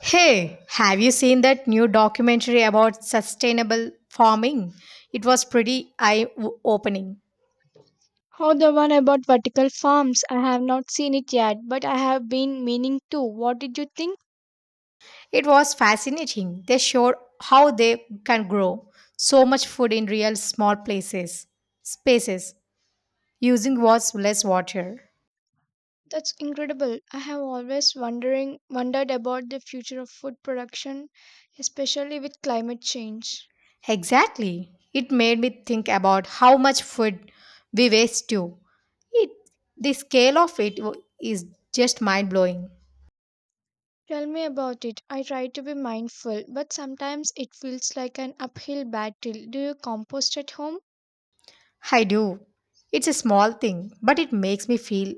Hey, have you seen that new documentary about sustainable farming? It was pretty eye opening. How the one about vertical farms? I have not seen it yet, but I have been meaning to. What did you think? It was fascinating. They showed how they can grow so much food in real spaces, using what's less water. That's incredible. I have always wondering wondered about the future of food production, especially with climate change. Exactly. It made me think about how much food we waste too. It, the scale of it is just mind blowing. Tell me about it. I try to be mindful, but sometimes it feels like an uphill battle. Do you compost at home? I do. It's a small thing, but it makes me feel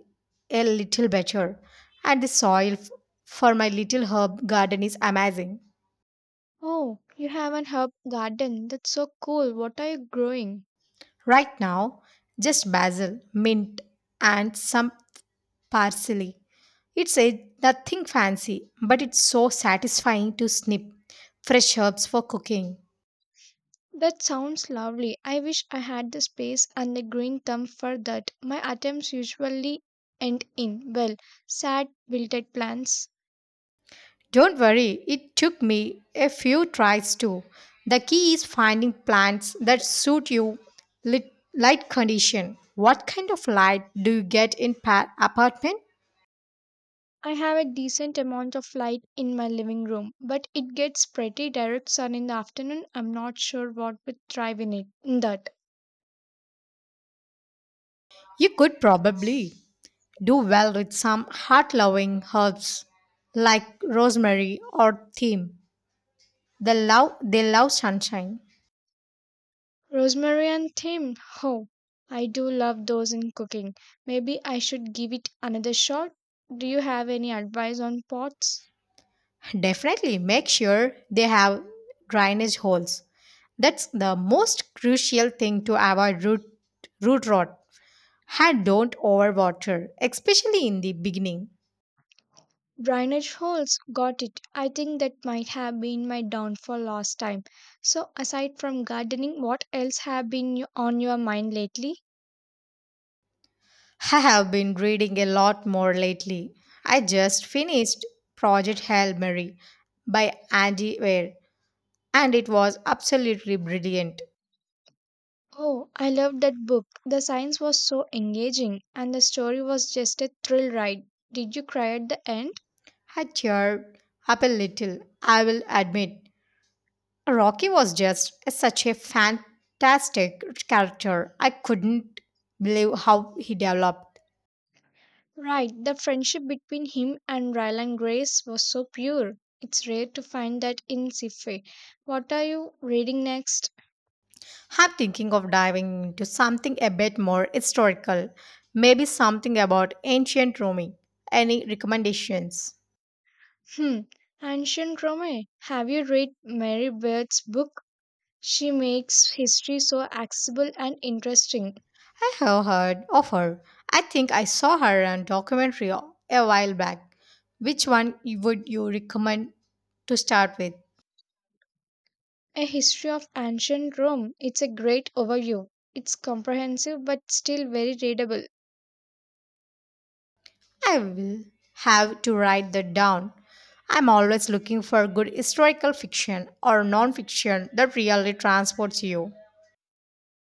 a little better. And the for my little herb garden is amazing. Oh, you have an herb garden. That's so cool. What are you growing? Right now, just basil, mint, and some parsley. It's a Nothing fancy, but it's so satisfying to snip fresh herbs for cooking. That sounds lovely. I wish I had the space and the green thumb for that. My attempts usually end in, well, sad, wilted plants. Don't worry, it took me a few tries too. The key is finding plants that suit you light condition. What kind of light do you get in apartment? I have a decent amount of light in my living room, but it gets pretty direct sun in the afternoon. I'm not sure what would thrive in it. That. You could probably do well with some heart-loving herbs like rosemary or thyme. They love sunshine. Rosemary and thyme. Oh, I do love those in cooking. Maybe I should give it another shot. Do you have any advice on pots? Definitely make sure they have drainage holes. That's the most crucial thing to avoid root rot. I don't overwater, especially in the beginning. Drainage holes, got it. I think that might have been my downfall last time. So, aside from gardening, what else have been on your mind lately? I have been reading a lot more lately. I just finished Project Hail Mary by Andy Weir, and it was absolutely brilliant. Oh, I loved that book. The science was so engaging, and the story was just a thrill ride. Did you cry at the end? I cheered up a little, I will admit. Rocky was just such a fantastic character. I couldn't believe how he developed. Right, the friendship between him and Ryland Grace was so pure. It's rare to find that in sci-fi. What are you reading next? I'm thinking of diving into something a bit more historical, maybe something about ancient Rome. Any recommendations? Hmm, Ancient Rome. Have you read Mary Beard's book? She makes history so accessible and interesting. I have heard of her. I think I saw her on documentary a while back. Which one would you recommend to start with? A history of ancient Rome. It's a great overview. It's comprehensive but still very readable. I will have to write that down. I'm always looking for good historical fiction or non fiction that really transports you.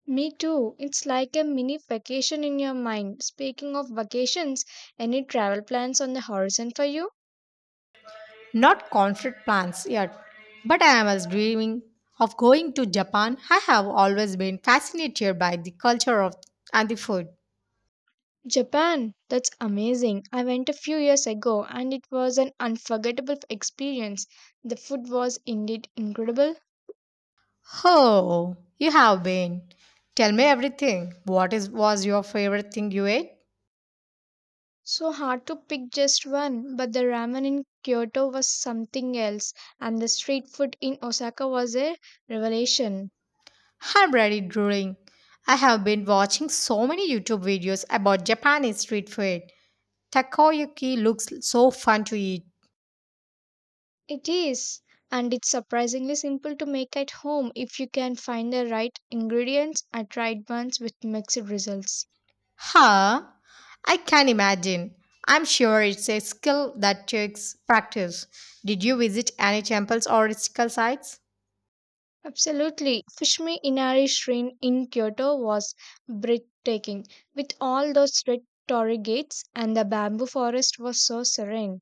Me too. It's like a mini vacation in your mind. Speaking of vacations, any travel plans on the horizon for you? Not concrete plans yet, but I was dreaming of going to Japan. I have always been fascinated by the culture of and the food. Japan. That's amazing. I went a few years ago and it was an unforgettable experience. The food was indeed incredible. Oh, you have been. Tell me everything. What is was your favorite thing you ate? So hard to pick just one, but the ramen in Kyoto was something else, and the street food in Osaka was a revelation. I'm ready drooling. I have been watching so many YouTube videos about Japanese street food. Takoyaki looks so fun to eat. It is, and it's surprisingly simple to make at home if you can find the right ingredients. I tried once with mixed results. Huh? I can imagine. I'm sure it's a skill that takes practice. Did you visit any temples or historical sites? Absolutely. Fushimi Inari Shrine in Kyoto was breathtaking, with all those red torii gates, and the bamboo forest was so serene.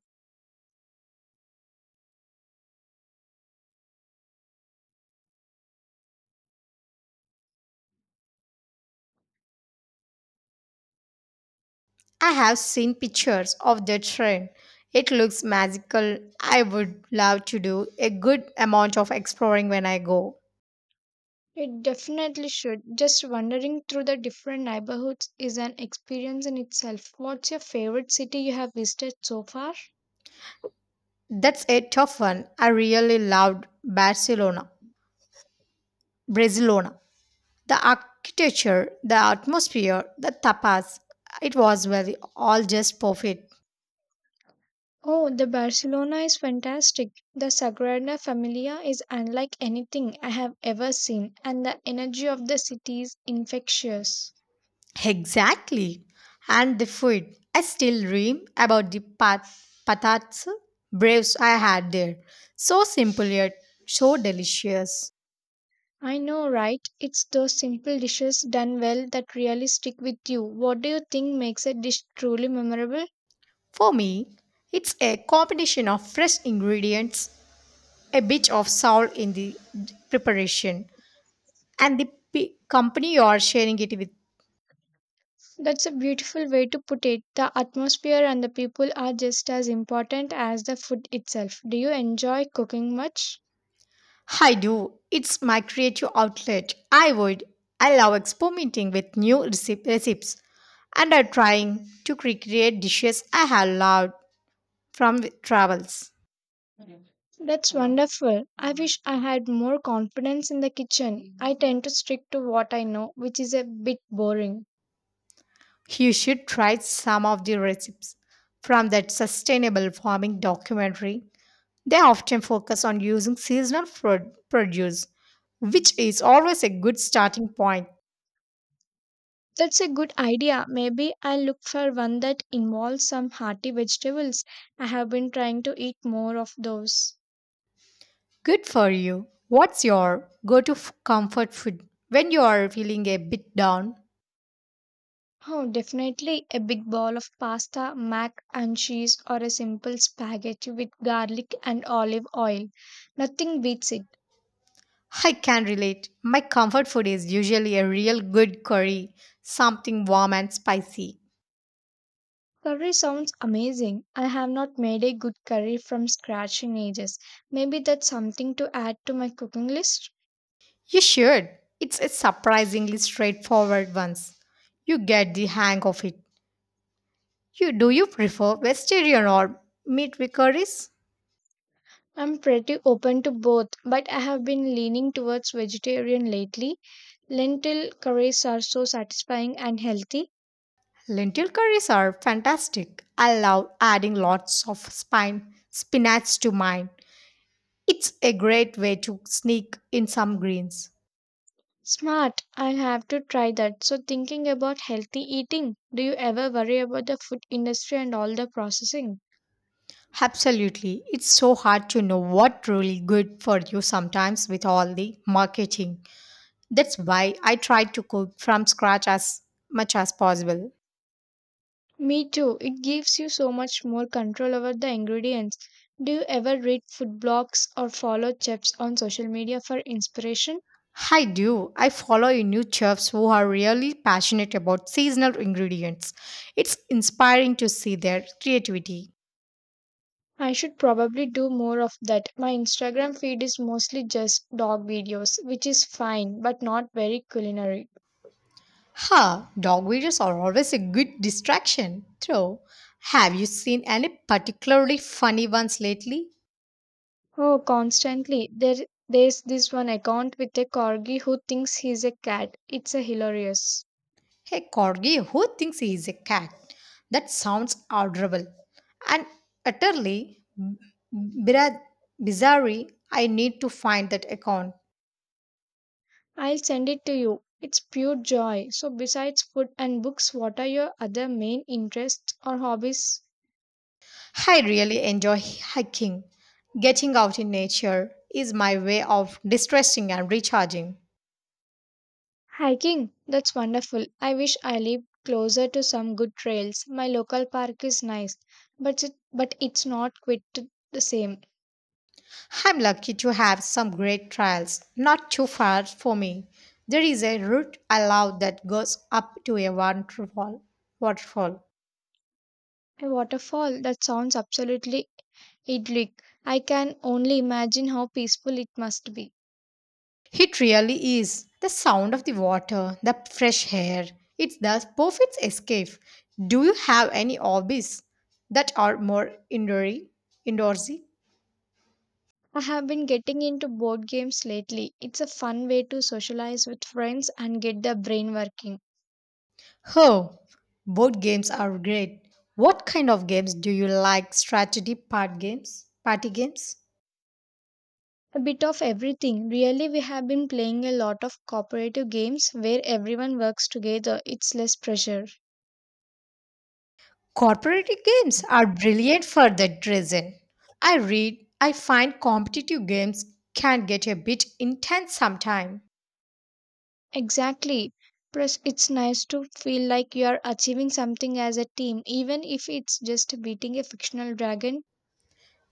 I have seen pictures of the train. It looks magical. I would love to do a good amount of exploring when I go. It definitely should. Just wandering through the different neighborhoods is an experience in itself. What's your favorite city you have visited so far? That's a tough one. I really loved Barcelona. The architecture, the atmosphere, the tapas. It was well all just perfect. Oh, the Barcelona is fantastic. The Sagrada Familia is unlike anything I have ever seen, and the energy of the city is infectious. Exactly. And the food. I still dream about the patats braves I had there. So simple yet so delicious. I know, right? It's those simple dishes done well that really stick with you. What do you think makes a dish truly memorable? For me, it's a combination of fresh ingredients, a bit of salt in the preparation, and the company you are sharing it with. That's a beautiful way to put it. The atmosphere and the people are just as important as the food itself. Do you enjoy cooking much? I do. It's my creative outlet. I would. I love experimenting with new recipes and are trying to recreate dishes I have loved from the travels. That's wonderful. I wish I had more confidence in the kitchen. I tend to stick to what I know, which is a bit boring. You should try some of the recipes from that sustainable farming documentary. They often focus on using seasonal produce, which is always a good starting point. That's a good idea. Maybe I'll look for one that involves some hearty vegetables. I have been trying to eat more of those. Good for you. What's your go to comfort food when you are feeling a bit down? Oh, definitely a big bowl of pasta, mac and cheese, or a simple spaghetti with garlic and olive oil. Nothing beats it. I can relate. My comfort food is usually a real good curry, something warm and spicy. Curry sounds amazing. I have not made a good curry from scratch in ages. Maybe that's something to add to my cooking list. You should. It's a surprisingly straightforward once. You get the hang of it. You do you prefer vegetarian or meat with curries? I'm pretty open to both, but I have been leaning towards vegetarian lately. Lentil curries are so satisfying and healthy. Lentil curries are fantastic. I love adding lots of spine spinach to mine. It's a great way to sneak in some greens. Smart. I'll have to try that. So, thinking about healthy eating, do you ever worry about the food industry and all the processing? Absolutely. It's so hard to know what really good for you sometimes with all the marketing. That's why I try to cook from scratch as much as possible. Me too. It gives you so much more control over the ingredients. Do you ever read food blogs or follow chefs on social media for inspiration? I do. I follow a new chefs who are really passionate about seasonal ingredients. It's inspiring to see their creativity. I should probably do more of that. My Instagram feed is mostly just dog videos, which is fine but not very culinary. Huh, dog videos are always a good distraction. Though, have you seen any particularly funny ones lately? Oh, constantly. There's this one account with a corgi who thinks he's a cat. It's a hilarious. Hey Corgi, who thinks he is a cat? That sounds adorable and utterly bira- bizarre. I need to find that account. I'll send it to you. It's pure joy. So, besides food and books, what are your other main interests or hobbies? I really enjoy hiking. Getting out in nature is my way of distressing and recharging. Hiking. That's wonderful. I wish I lived closer to some good trails. My local park is nice, but it's not quite the same. I'm lucky to have some great trails not too far for me. There is a route I love that goes up to a waterfall. A waterfall. That sounds absolutely idyllic. I can only imagine how peaceful it must be. It really is. The sound of the water, the fresh air, it's the perfect escape. Do you have any hobbies that are more indoorsy? I have been getting into board games lately. It's a fun way to socialize with friends and get the brain working. Oh, board games are great. What kind of games do you like? Strategy part games, party games? A bit of everything. Really, we have been playing a lot of cooperative games where everyone works together. It's less pressure. Corporate games are brilliant for that reason. I find competitive games can get a bit intense sometimes. Exactly. Plus, it's nice to feel like you are achieving something as a team, even if it's just beating a fictional dragon.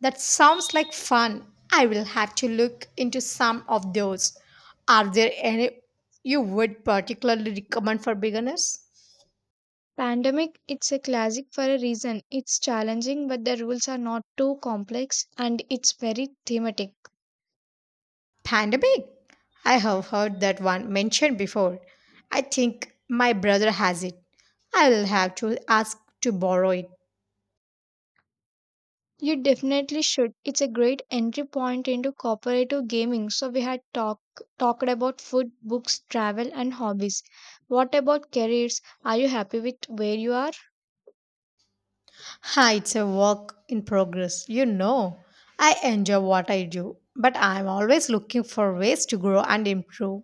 That sounds like fun. I will have to look into some of those. Are there any you would particularly recommend for beginners? Pandemic, it's a classic for a reason. It's challenging, but the rules are not too complex and it's very thematic. Pandemic. I have heard that one mentioned before. I think my brother has it. I will have to ask to borrow it. You definitely should. It's a great entry point into cooperative gaming. So we had talked about food, books, travel and hobbies. What about careers? Are you happy with where you are? Hi, it's a work in progress. You know, I enjoy what I do, but I'm always looking for ways to grow and improve.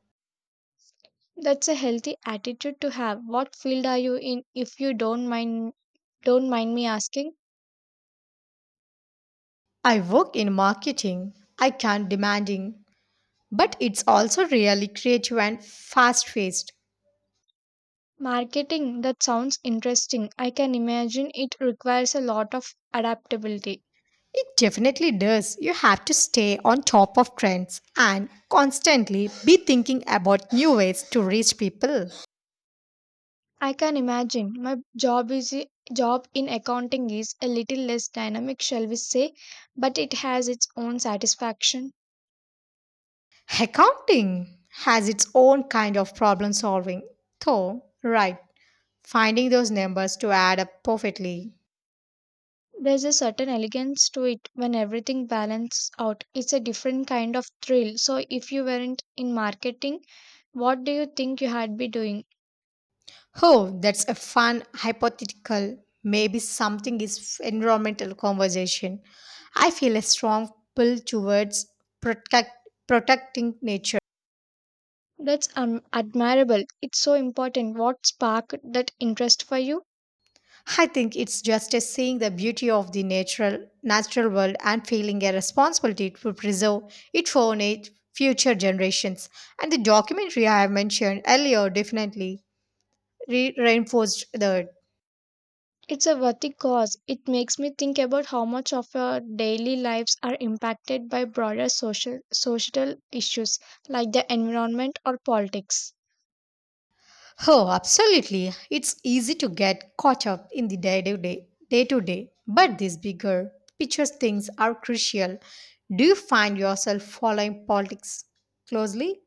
That's a healthy attitude to have. What field are you in if you don't mind me asking? I work in marketing. I can't demanding But it's also really creative and fast paced. Marketing, that sounds interesting. I can imagine it requires a lot of adaptability. It definitely does. You have to stay on top of trends and constantly be thinking about new ways to reach people. I can imagine my job in accounting is a little less dynamic, shall we say, but it has its own satisfaction. Accounting has its own kind of problem solving, though, right? Finding those numbers to add up perfectly. There's a certain elegance to it when everything balances out. It's a different kind of thrill. So if you weren't in marketing, what do you think you had be doing? Oh, that's a fun hypothetical, maybe something is environmental conversation. I feel a strong pull towards protecting nature. That's admirable. It's so important. What sparked that interest for you? I think it's just a seeing the beauty of the natural world and feeling a responsibility to preserve it for future generations. And the documentary I have mentioned earlier definitely reinforced that. It's a worthy cause. It makes me think about how much of our daily lives are impacted by broader social societal issues like the environment or politics. Oh, absolutely. It's easy to get caught up in the day to day, but these bigger picture things are crucial. Do you find yourself following politics closely?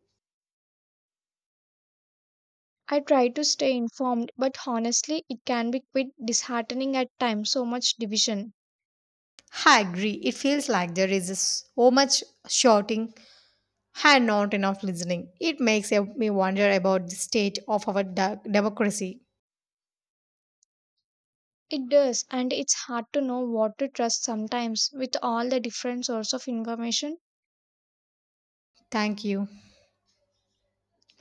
I try to stay informed, but honestly, it can be quite disheartening at times, so much division. I agree. It feels like there is so much shouting and not enough listening. It makes me wonder about the state of our democracy. It does, and it's hard to know what to trust sometimes with all the different sources of information Thank you.